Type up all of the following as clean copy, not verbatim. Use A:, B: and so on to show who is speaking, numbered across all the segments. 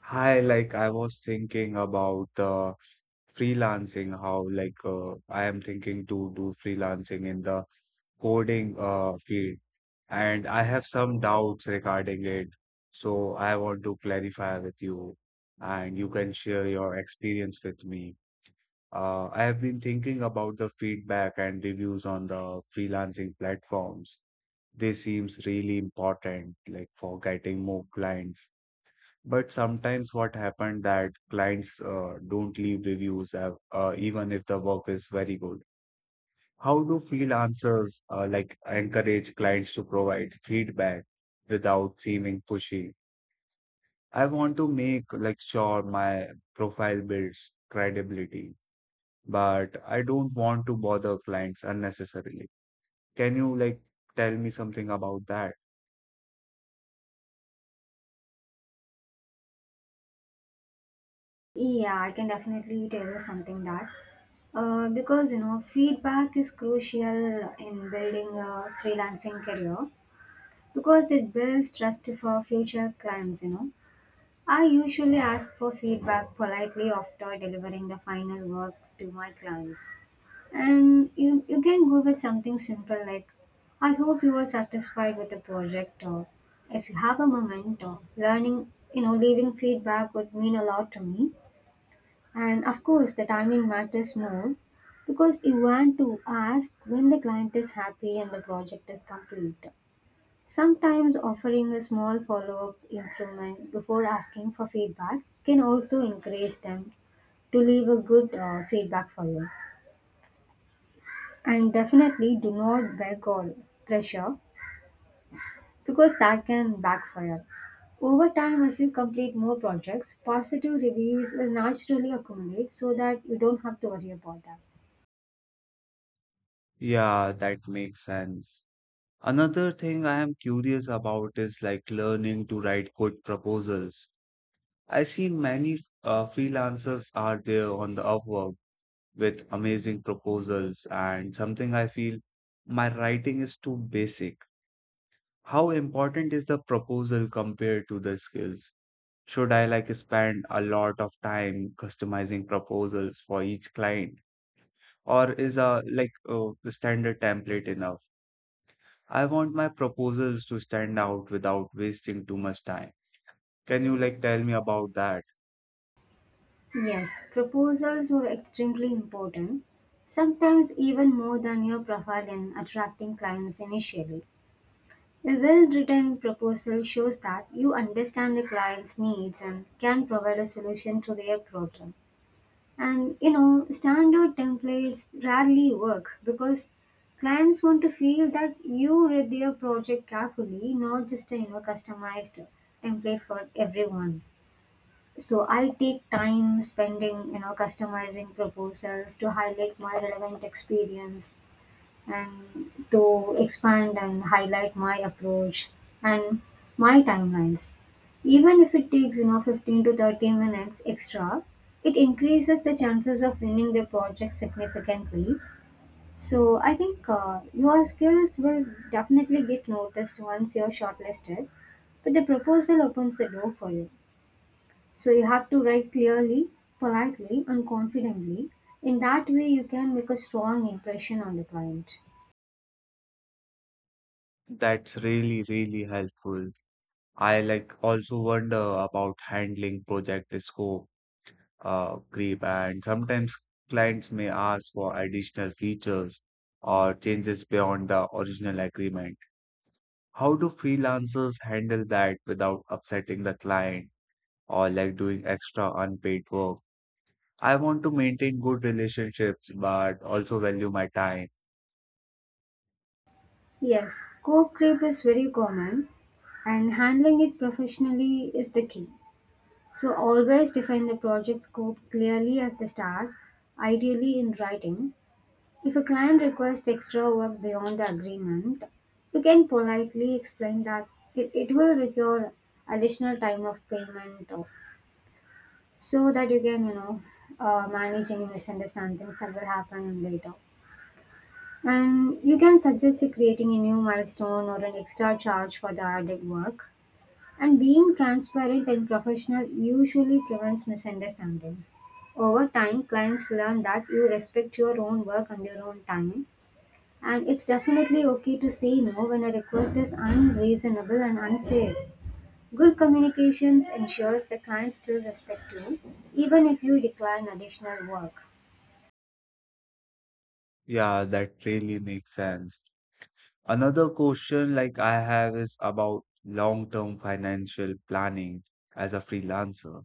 A: Hi, I was thinking about freelancing, how I am thinking to do freelancing in the coding field, and I have some doubts regarding it. So I want to clarify with you, and you can share your experience with me. I have been thinking about the feedback and reviews on the freelancing platforms. This seems really important, like for getting more clients. But sometimes what happened that clients don't leave reviews even if the work is very good. How do freelancers like encourage clients to provide feedback without seeming pushy? I want to make like sure my profile builds credibility, but I don't want to bother clients unnecessarily. Can you like tell me something about that?
B: Yeah, I can definitely tell you something that because you know feedback is crucial in building a freelancing career because it builds trust for future clients. You know, I usually ask for feedback politely after delivering the final work to my clients, and you can go with something simple like, "I hope you are satisfied with the project," or if you have a moment, or learning, you know, leaving feedback would mean a lot to me and of course, the timing matters more because you want to ask when the client is happy and the project is complete. Sometimes offering a small follow up improvement before asking for feedback can also encourage them to leave a good feedback for you. And definitely do not beg or pressure because that can backfire. Over time, as you complete more projects, positive reviews will naturally accumulate so that you don't have to worry about that.
A: Yeah, that makes sense. Another thing I am curious about is like learning to write good proposals. I see many freelancers are there on the Upwork with amazing proposals, and something I feel my writing is too basic. How important is the proposal compared to the skills? Should I like spend a lot of time customizing proposals for each client, or is a like a standard template enough? I want my proposals to stand out without wasting too much time. Can you like tell me about that?
B: Yes, proposals are extremely important, sometimes even more than your profile in attracting clients initially. A well written proposal shows that you understand the client's needs and can provide a solution to their problem. And you know, standard templates rarely work because clients want to feel that you read their project carefully, not just a you know, customized template for everyone. So I take time spending, you know, customizing proposals to highlight my relevant experience and to expand and highlight my approach and my timelines. Even if it takes, you know, 15 to 30 minutes extra, it increases the chances of winning the project significantly. So I think your skills will definitely get noticed once you're shortlisted, but the proposal opens the door for you. So you have to write clearly, politely, and confidently. In that way, you can make a strong impression on the client.
A: That's really, really helpful. I like also wonder about handling project scope, creep, and sometimes clients may ask for additional features or changes beyond the original agreement. How do freelancers handle that without upsetting the client or like doing extra unpaid work? I want to maintain good relationships, but also value my time.
B: Yes, code creep is very common, and handling it professionally is the key. So always define the project scope clearly at the start, ideally in writing. If a client requests extra work beyond the agreement, you can politely explain that it will require additional time of payment or so that you can manage any misunderstandings that will happen later, and you can suggest creating a new milestone or an extra charge for the added work, and being transparent and professional usually prevents misunderstandings. Over time, clients learn that you respect your own work and your own time, and it's definitely okay to say no when a request is unreasonable and unfair. Good communications ensures the client still respect you, even if you decline additional work.
A: Yeah, that really makes sense. Another question like I have is about long-term financial planning as a freelancer.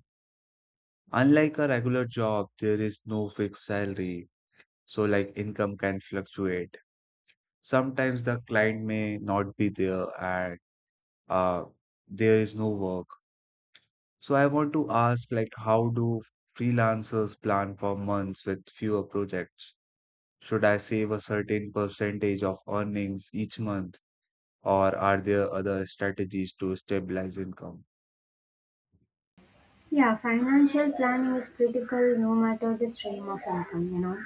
A: Unlike a regular job, there is no fixed salary, so like income can fluctuate. Sometimes the client may not be there and uh, there is no work. So I want to ask like how do freelancers plan for months with fewer projects? Should I save a certain percentage of earnings each month, or are there other strategies to stabilize income?
B: Yeah, financial planning is critical no matter the stream of income, you know.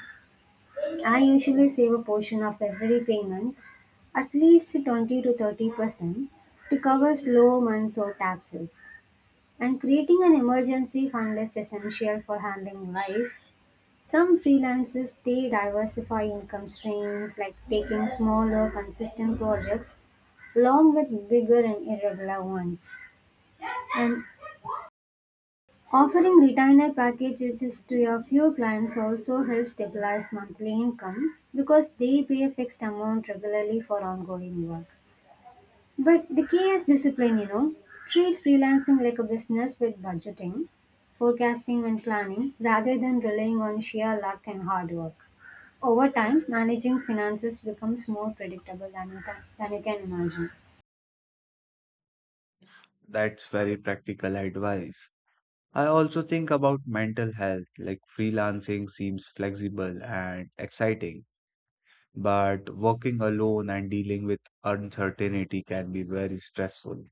B: I usually save a portion of every payment, at least 20 to 30%, to cover slow months or taxes. And creating an emergency fund is essential for handling life. Some freelancers they diversify income streams like taking smaller consistent projects along with bigger and irregular ones. And offering retainer packages to your few clients also helps stabilize monthly income because they pay a fixed amount regularly for ongoing work. But the key is discipline, you know. Treat freelancing like a business with budgeting, forecasting, and planning rather than relying on sheer luck and hard work. Over time, managing finances becomes more predictable than you can imagine.
A: That's very practical advice. I also think about mental health, like freelancing seems flexible and exciting, but working alone and dealing with uncertainty can be very stressful.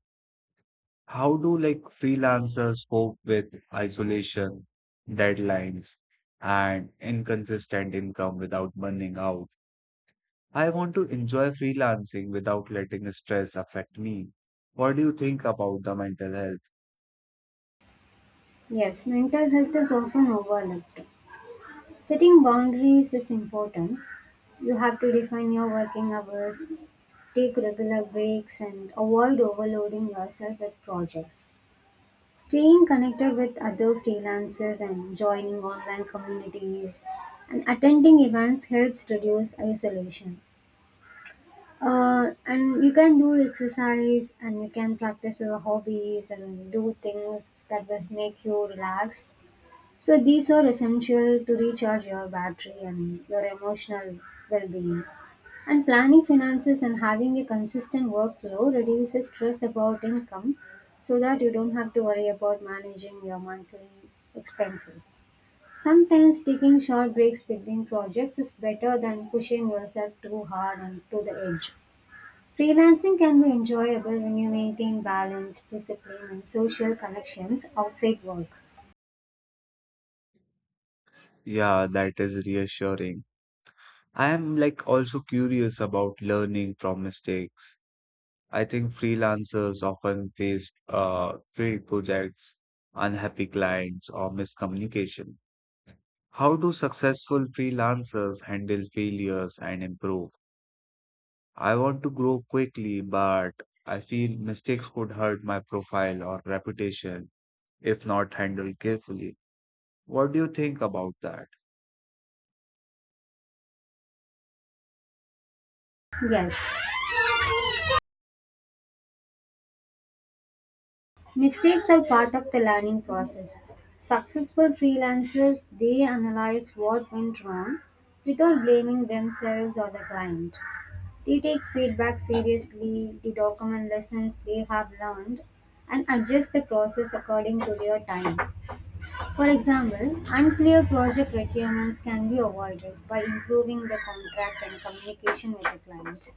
A: How do like freelancers cope with isolation, deadlines, and inconsistent income without burning out? I want to enjoy freelancing without letting stress affect me. What do you think about the mental health?
B: Yes, mental health is often overlooked. Setting boundaries is important. You have to define your working hours, take regular breaks, and avoid overloading yourself with projects. Staying connected with other freelancers and joining online communities and attending events helps reduce isolation. And you can do exercise and you can practice your hobbies and do things that will make you relax. So, these are essential to recharge your battery and your emotional well being. And planning finances and having a consistent workflow reduces stress about income so that you don't have to worry about managing your monthly expenses. Sometimes taking short breaks between projects is better than pushing yourself too hard and to the edge. Freelancing can be enjoyable when you maintain balance, discipline, and social connections outside work.
A: Yeah, that is reassuring. I am like also curious about learning from mistakes. I think freelancers often face failed projects, unhappy clients, or miscommunication. How do successful freelancers handle failures and improve? I want to grow quickly, but I feel mistakes could hurt my profile or reputation, if not handled carefully. What do you think about that?
B: Yes, mistakes are part of the learning process. Successful freelancers they analyze what went wrong without blaming themselves or the client. They take feedback seriously, they document lessons they have learned and adjust the process according to their time. For example, unclear project requirements can be avoided by improving the contract and communication with the client.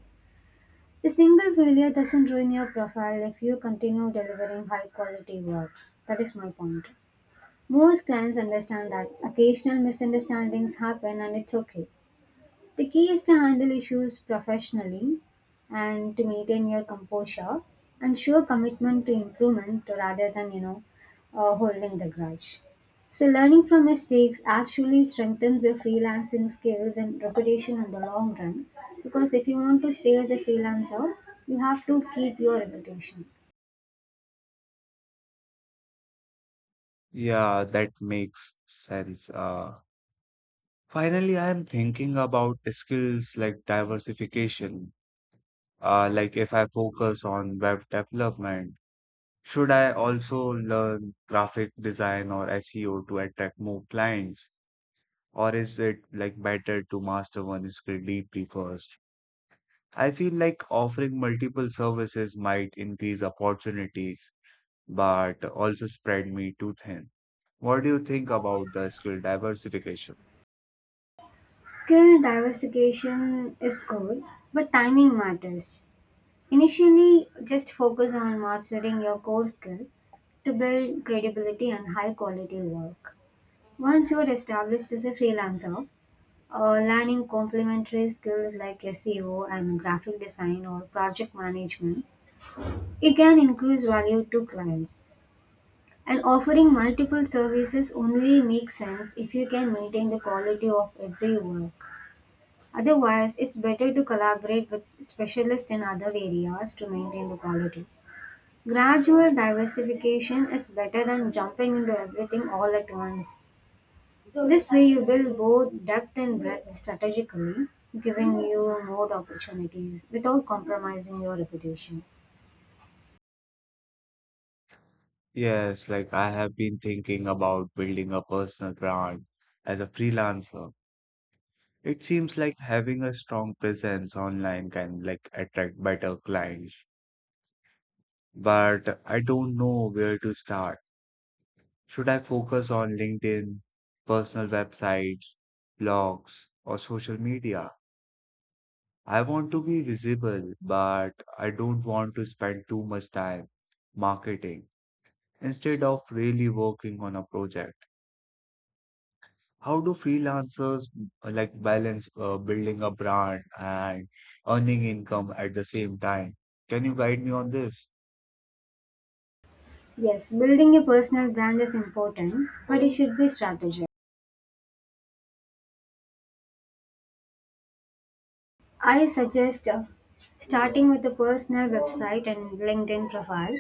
B: A single failure doesn't ruin your profile if you continue delivering high quality work. That is my point. Most clients understand that occasional misunderstandings happen and it's okay. The key is to handle issues professionally and to maintain your composure and show commitment to improvement rather than, holding the grudge. So, learning from mistakes actually strengthens your freelancing skills and reputation in the long run because if you want to stay as a freelancer, you have to keep your reputation.
A: Yeah, that makes sense. Finally, I am thinking about skills like diversification. Like if I focus on web development, should I also learn graphic design or SEO to attract more clients? Or is it like better to master one skill deeply first? I feel like offering multiple services might increase opportunities but also spread me too thin. What do you think about the skill diversification?
B: Skill diversification is good, but timing matters. Initially, just focus on mastering your core skill to build credibility and high quality work. Once you are established as a freelancer, learning complementary skills like SEO and graphic design or project management, it can increase value to clients. And offering multiple services only makes sense if you can maintain the quality of every work. Otherwise, it's better to collaborate with specialists in other areas to maintain the quality. Gradual diversification is better than jumping into everything all at once. This way, you build both depth and breadth strategically, giving you more opportunities without compromising your reputation.
A: Yes, like I have been thinking about building a personal brand as a freelancer. It seems like having a strong presence online can like attract better clients, but I don't know where to start. Should I focus on LinkedIn, personal websites, blogs, or social media? I want to be visible, but I don't want to spend too much time marketing instead of really working on a project. How do freelancers like balance building a brand and earning income at the same time? Can you guide me on this?
B: Yes, building a personal brand is important, but it should be strategic. I suggest starting with a personal website and LinkedIn profile.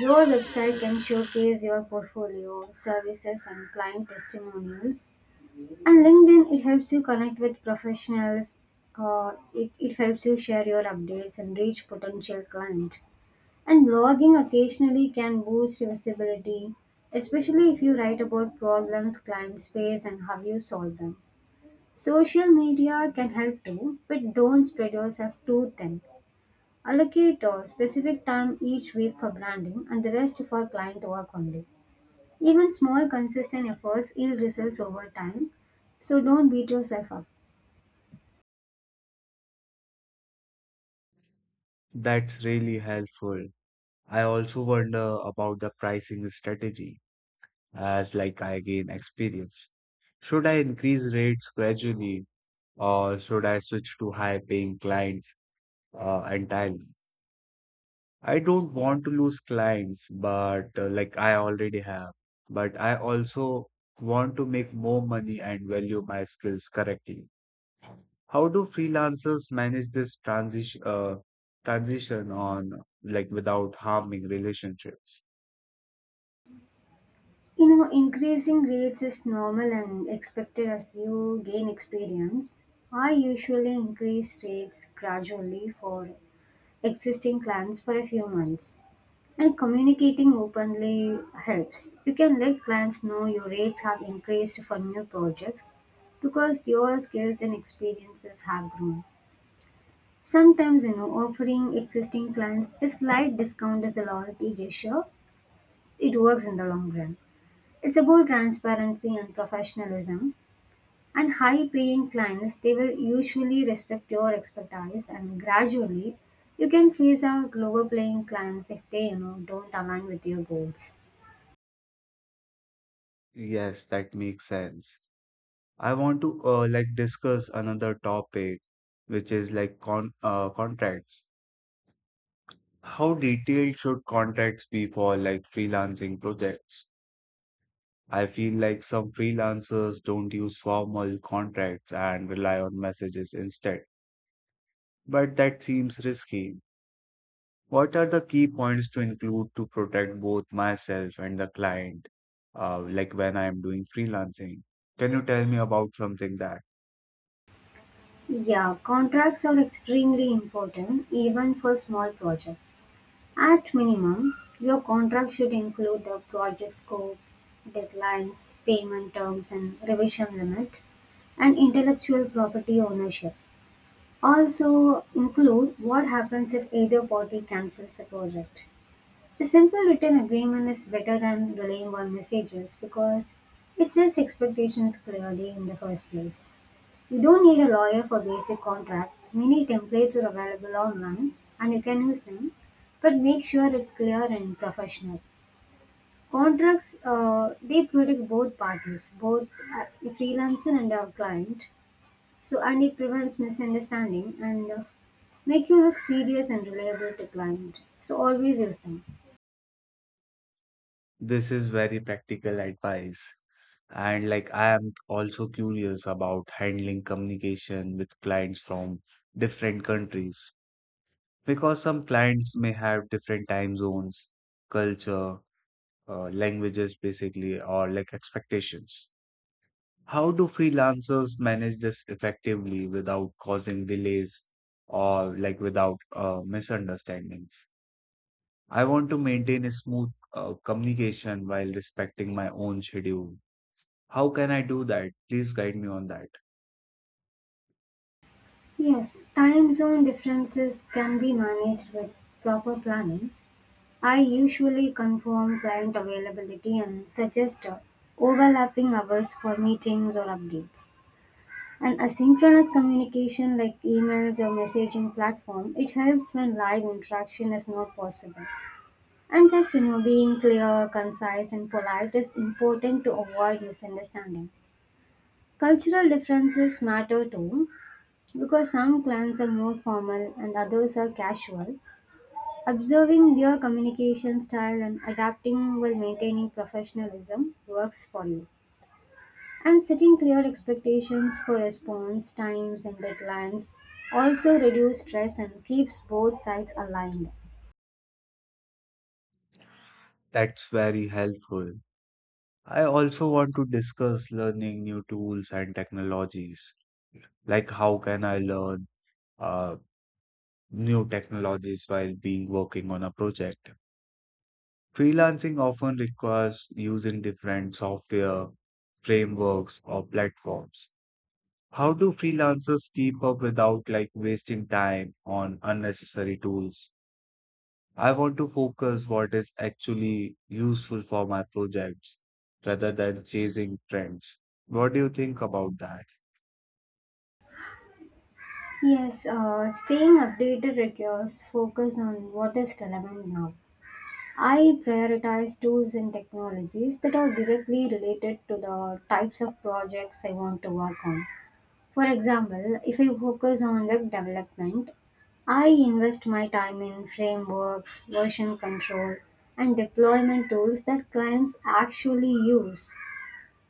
B: Your website can showcase your portfolio, services, and client testimonials. And LinkedIn, it helps you connect with professionals. It helps you share your updates and reach potential clients. And blogging occasionally can boost your visibility, especially if you write about problems clients face and how you solve them. Social media can help too, but don't spread yourself too thin. Allocate a specific time each week for branding and the rest for client work only. Even small consistent efforts yield results over time, so don't beat yourself up.
A: That's really helpful. I also wonder about the pricing strategy as like I gain experience. Should I increase rates gradually or should I switch to high paying clients, entirely? I don't want to lose clients, but like I already have. But I also want to make more money and value my skills correctly. How do freelancers manage this transition on like without harming relationships?
B: You know, increasing rates is normal and expected as you gain experience. I usually increase rates gradually for existing clients for a few months. And communicating openly helps. You can let clients know your rates have increased for new projects because your skills and experiences have grown. Sometimes, you know, offering existing clients a slight discount as a loyalty gesture, it works in the long run. It's about transparency and professionalism. And high paying clients, they will usually respect your expertise and gradually you can phase out lower paying clients if they, you know, don't align with your goals.
A: Yes, that makes sense. I want to like discuss another topic, which is like contracts. How detailed should contracts be for like freelancing projects? I feel like some freelancers don't use formal contracts and rely on messages instead, but that seems risky. What are the key points to include to protect both myself and the client, like when I am doing freelancing? Can you tell me about something that
B: Yeah, contracts are extremely important even for small projects. At minimum, your contract should include the project scope, deadlines, payment terms and revision limit and intellectual property ownership. Also include what happens if either party cancels the project. A simple written agreement is better than relying on messages because it sets expectations clearly in the first place. You don't need a lawyer for basic contract. Many templates are available online and you can use them, but make sure it's clear and professional. Contracts they protect both parties, both the freelancer and our client so, and it prevents misunderstanding and make you look serious and reliable to client. So, always use them.
A: this is very practical advice? And like I am also curious about handling communication with clients from different countries, because some clients may have different time zones, culture, languages, basically, or like expectations. How do freelancers manage this effectively without causing delays or like without misunderstandings? I want to maintain a smooth communication while respecting my own schedule. How can I do that? Please guide me on that.
B: Yes, time zone differences can be managed with proper planning. I usually confirm client availability and suggest overlapping hours for meetings or updates. And asynchronous communication like emails or messaging platform, it helps when live interaction is not possible. And just, you know, being clear, concise, and polite is important to avoid misunderstanding. Cultural differences matter too, because some clans are more formal and others are casual. Observing their communication style and adapting while maintaining professionalism works for you. And setting clear expectations for response times and deadlines also reduce stress and keeps both sides aligned.
A: That's very helpful. I also want to discuss learning new tools and technologies. Like, how can I learn uh, new technologies while being working on a project? Freelancing often requires using different software, frameworks, or platforms. How do freelancers keep up without like wasting time on unnecessary tools? I want to focus what is actually useful for my projects rather than chasing trends. What do you think about that?
B: Yes, staying updated requires focus on what is relevant now. I prioritize tools and technologies that are directly related to the types of projects I want to work on. For example, if I focus on web development, I invest my time in frameworks, version control, and deployment tools that clients actually use.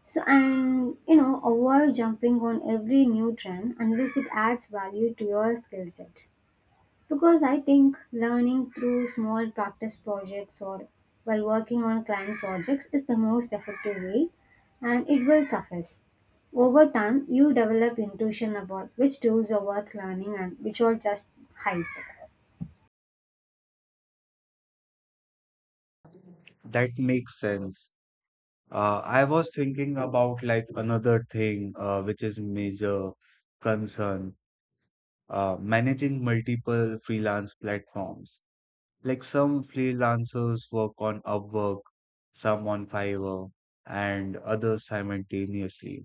B: So, and you know, avoid jumping on every new trend unless it adds value to your skill set. Because I think learning through small practice projects or while working on client projects is the most effective way and it will suffice. Over time, you develop intuition about which tools are worth learning and which are just hype.
A: That makes sense. I was thinking about like another thing which is major concern, managing multiple freelance platforms. Like some freelancers work on Upwork, some on Fiverr, and others simultaneously.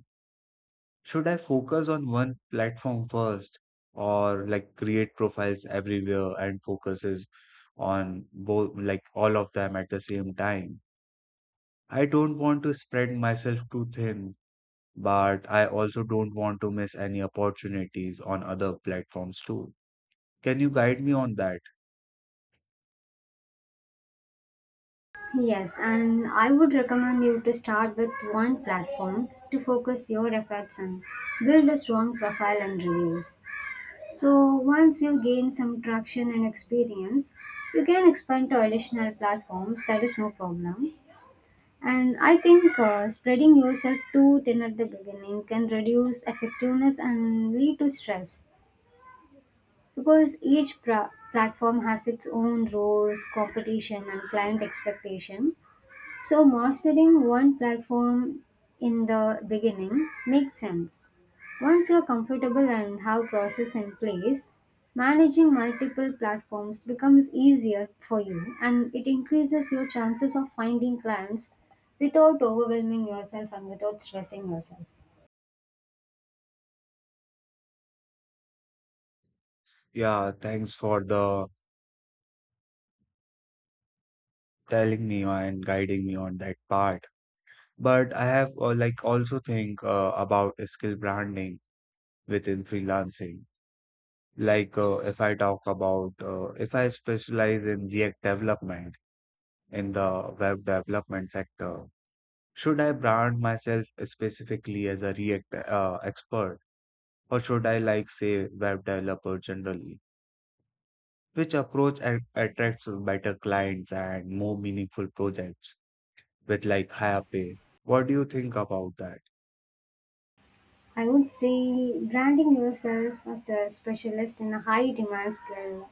A: Should I focus on one platform first, or like create profiles everywhere and focuses on both, like all of them at the same time? I don't want to spread myself too thin but I also don't want to miss any opportunities on other platforms too. Can you guide me on that?
B: Yes, and I would recommend you to start with one platform to focus your efforts and build a strong profile and reviews. So once you gain some traction and experience, you can expand to additional platforms. That is no problem. And I think spreading yourself too thin at the beginning can reduce effectiveness and lead to stress because each platform has its own rules, competition, and client expectation. So mastering one platform in the beginning makes sense. Once you're comfortable and have process in place, managing multiple platforms becomes easier for you and it increases your chances of finding clients without overwhelming yourself and without stressing yourself.
A: Yeah, thanks for the telling me and guiding me on that part. But I have like also think about skill branding within freelancing. Like if I talk about if I specialize in React development in the web development sector, should I brand myself specifically as a React expert? Or should I like say web developer generally? Which approach attracts better clients and more meaningful projects with like higher pay? What do you think about that?
B: I would say branding yourself as a specialist in a high demand skill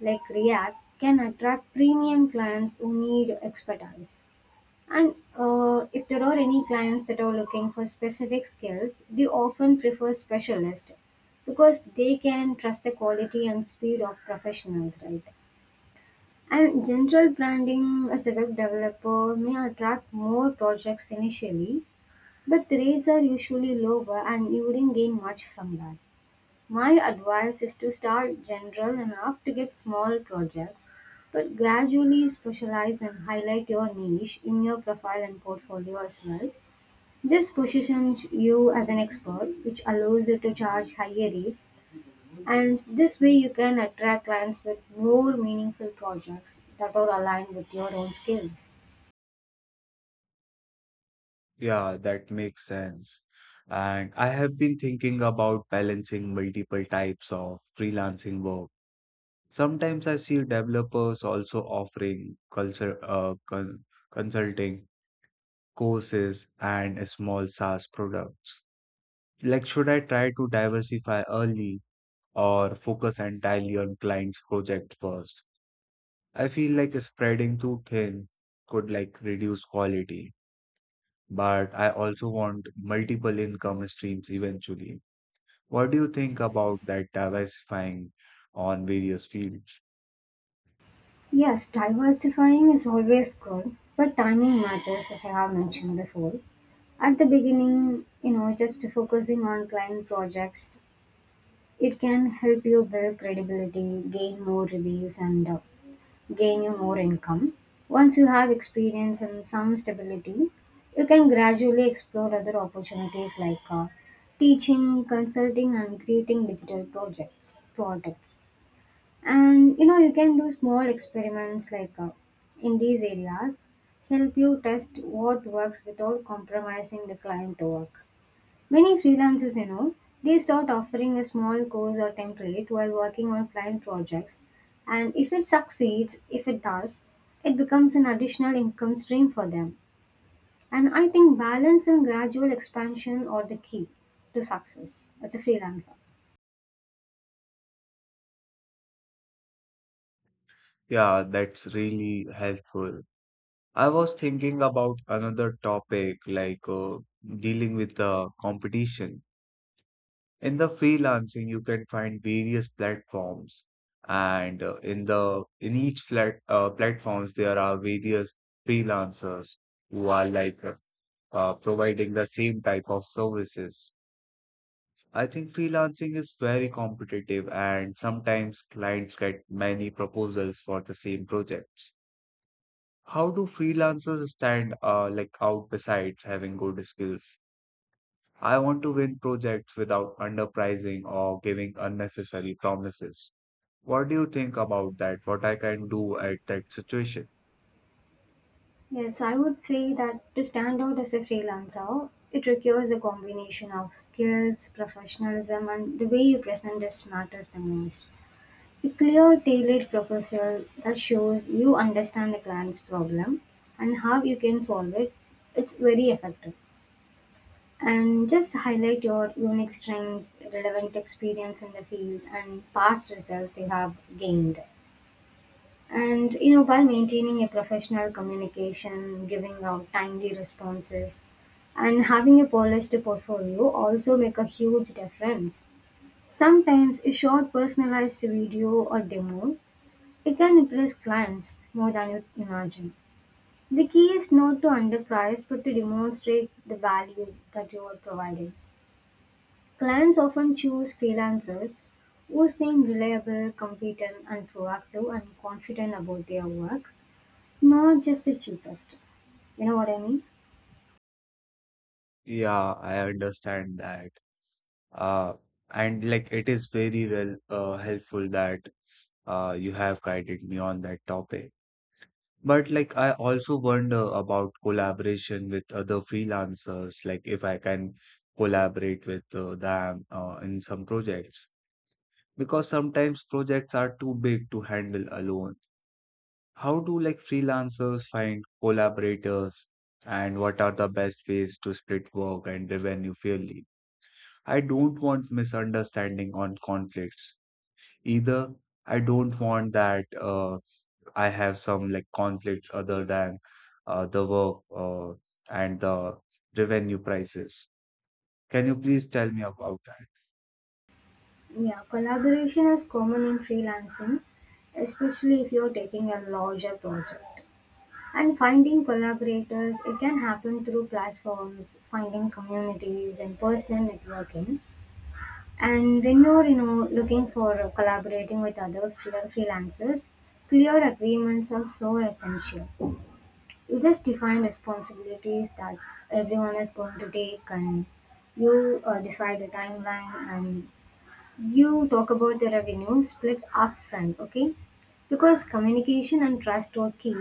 B: like React can attract premium clients who need expertise. And if there are any clients that are looking for specific skills, they often prefer specialists because they can trust the quality and speed of professionals, right? And general branding as a web developer may attract more projects initially, but the rates are usually lower and you wouldn't gain much from that. My advice is to start general enough to get small projects, but gradually specialize and highlight your niche in your profile and portfolio as well. This positions you as an expert, which allows you to charge higher rates, and this way you can attract clients with more meaningful projects that are aligned with your own skills.
A: Yeah, that makes sense. And I have been thinking about balancing multiple types of freelancing work. Sometimes I see developers also offering culture, consulting courses and small SaaS products. Like, should I try to diversify early or focus entirely on client's project first? I feel like spreading too thin could like reduce quality, but I also want multiple income streams eventually. What do you think about that diversifying on various fields?
B: Yes, diversifying is always good, but timing matters as I have mentioned before. At the beginning, you know, just focusing on client projects, it can help you build credibility, gain more reviews, and gain you more income. Once you have experience and some stability, you can gradually explore other opportunities like teaching, consulting, and creating digital projects products. And you know, you can do small experiments like in these areas, help you test what works without compromising the client work. Many freelancers, you know, they start offering a small course or template while working on client projects, and if it succeeds, if it does, it becomes an additional income stream for them. And I think balance and gradual expansion are the key to success as a freelancer.
A: Yeah, that's really helpful. I was thinking about another topic like dealing with the competition. In the freelancing, you can find various platforms, and in the in each flat platforms there are various freelancers who are like providing the same type of services. I think freelancing is very competitive, and sometimes clients get many proposals for the same projects. How do freelancers stand like out besides having good skills? I want to win projects without underpricing or giving unnecessary promises. What do you think about that? What I can do at that situation?
B: Yes, I would say that to stand out as a freelancer, it requires a combination of skills, professionalism, and the way you present this matters the most. A clear, tailored proposal that shows you understand the client's problem and how you can solve it, it's very effective. And just highlight your unique strengths, relevant experience in the field, and past results you have gained. And you know, by maintaining a professional communication, giving out timely responses, and having a polished portfolio also make a huge difference. Sometimes a short personalized video or demo, it can impress clients more than you imagine. The key is not to underprice but to demonstrate the value that you are providing. Clients often choose freelancers who seem reliable, competent, and proactive and confident about their work, not just the cheapest. You know what I mean?
A: Yeah, I understand that. Uh, and like it is very well helpful that you have guided me on that topic. But like I also wonder about collaboration with other freelancers, like if I can collaborate with them in some projects, because sometimes projects are too big to handle alone. How do like freelancers find collaborators and what are the best ways to split work and revenue fairly? I don't want misunderstanding on conflicts either. I don't want that I have some like conflicts other than the work and the revenue prices. Can you please tell me about
B: Yeah, collaboration is common in freelancing, especially if you're taking a larger project. And finding collaborators, it can happen through platforms, finding communities, and personal networking. And when you're, you know, looking for collaborating with other freelancers, clear agreements are so essential. You just define responsibilities that everyone is going to take, and you decide the timeline, and you talk about the revenue split upfront, okay? Because communication and trust are key.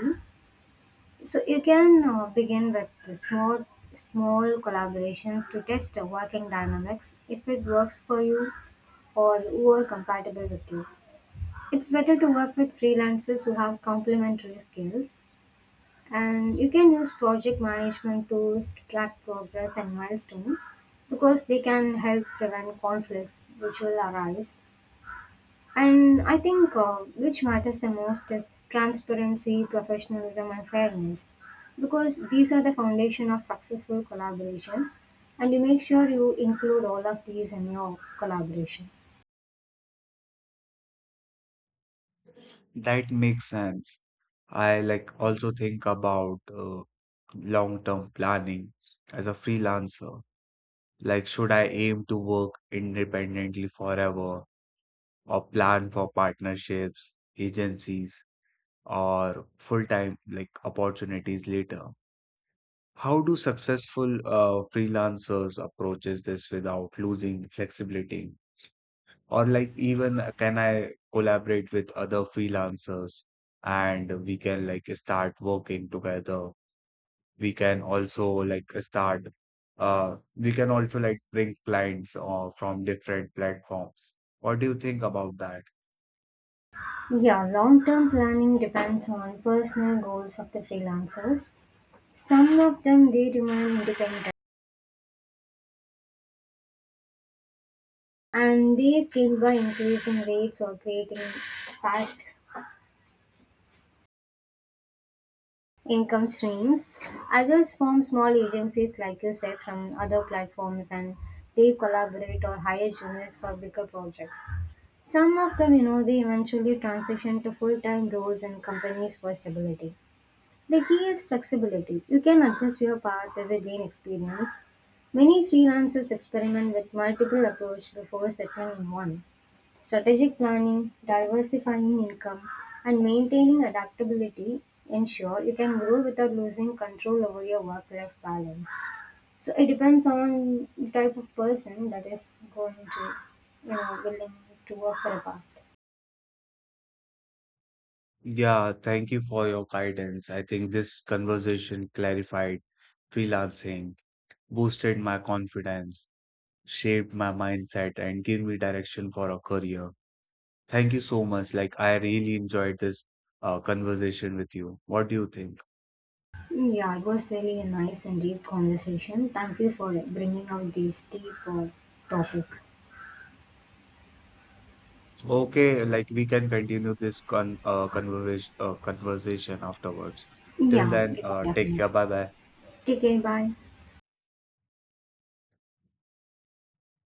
B: So you can begin with the small collaborations to test the working dynamics if it works for you or who are compatible with you. It's better to work with freelancers who have complementary skills, and you can use project management tools to track progress and milestone because they can help prevent conflicts which will arise. And I think which matters the most is transparency, professionalism, and fairness, because these are the foundation of successful collaboration, and you make sure you include all of these in your collaboration.
A: that makes sense? I like also think about long-term planning as a freelancer. Like, should I aim to work independently forever or plan for partnerships, agencies, or full-time like opportunities later? How do successful freelancers approaches this without losing flexibility? Or like even can I collaborate with other freelancers and we can like start working together. We can also like start we can also like bring clients from different platforms. What do you think about that?
B: Yeah, long term planning depends on personal goals of the freelancers. Some of them they remain independent and these gained by increasing rates or creating fast income streams. Others form small agencies, like you said, from other platforms and they collaborate or hire juniors for bigger projects. Some of them, you know, they eventually transition to full time roles in companies for stability. The key is flexibility. You can adjust your path as a gain experience. Many freelancers experiment with multiple approaches before settling on one. Strategic planning, diversifying income, and maintaining adaptability ensure you can grow without losing control over your work life balance. So it depends on the type of person that is going to, you know, willing to work for a path.
A: Yeah, thank you for your guidance. I think this conversation clarified freelancing, boosted my confidence, shaped my mindset, and gave me direction for a career. Thank you so much. Like, I really enjoyed this conversation with you. What do you think?
B: Yeah, it was really a nice and deep conversation. Thank you for bringing out this deep topic.
A: Okay, like we can continue this conversation afterwards. Till
B: Yeah,
A: then,
B: we can
A: take care.
B: definitely.
A: Bye bye.
B: Take care. Bye.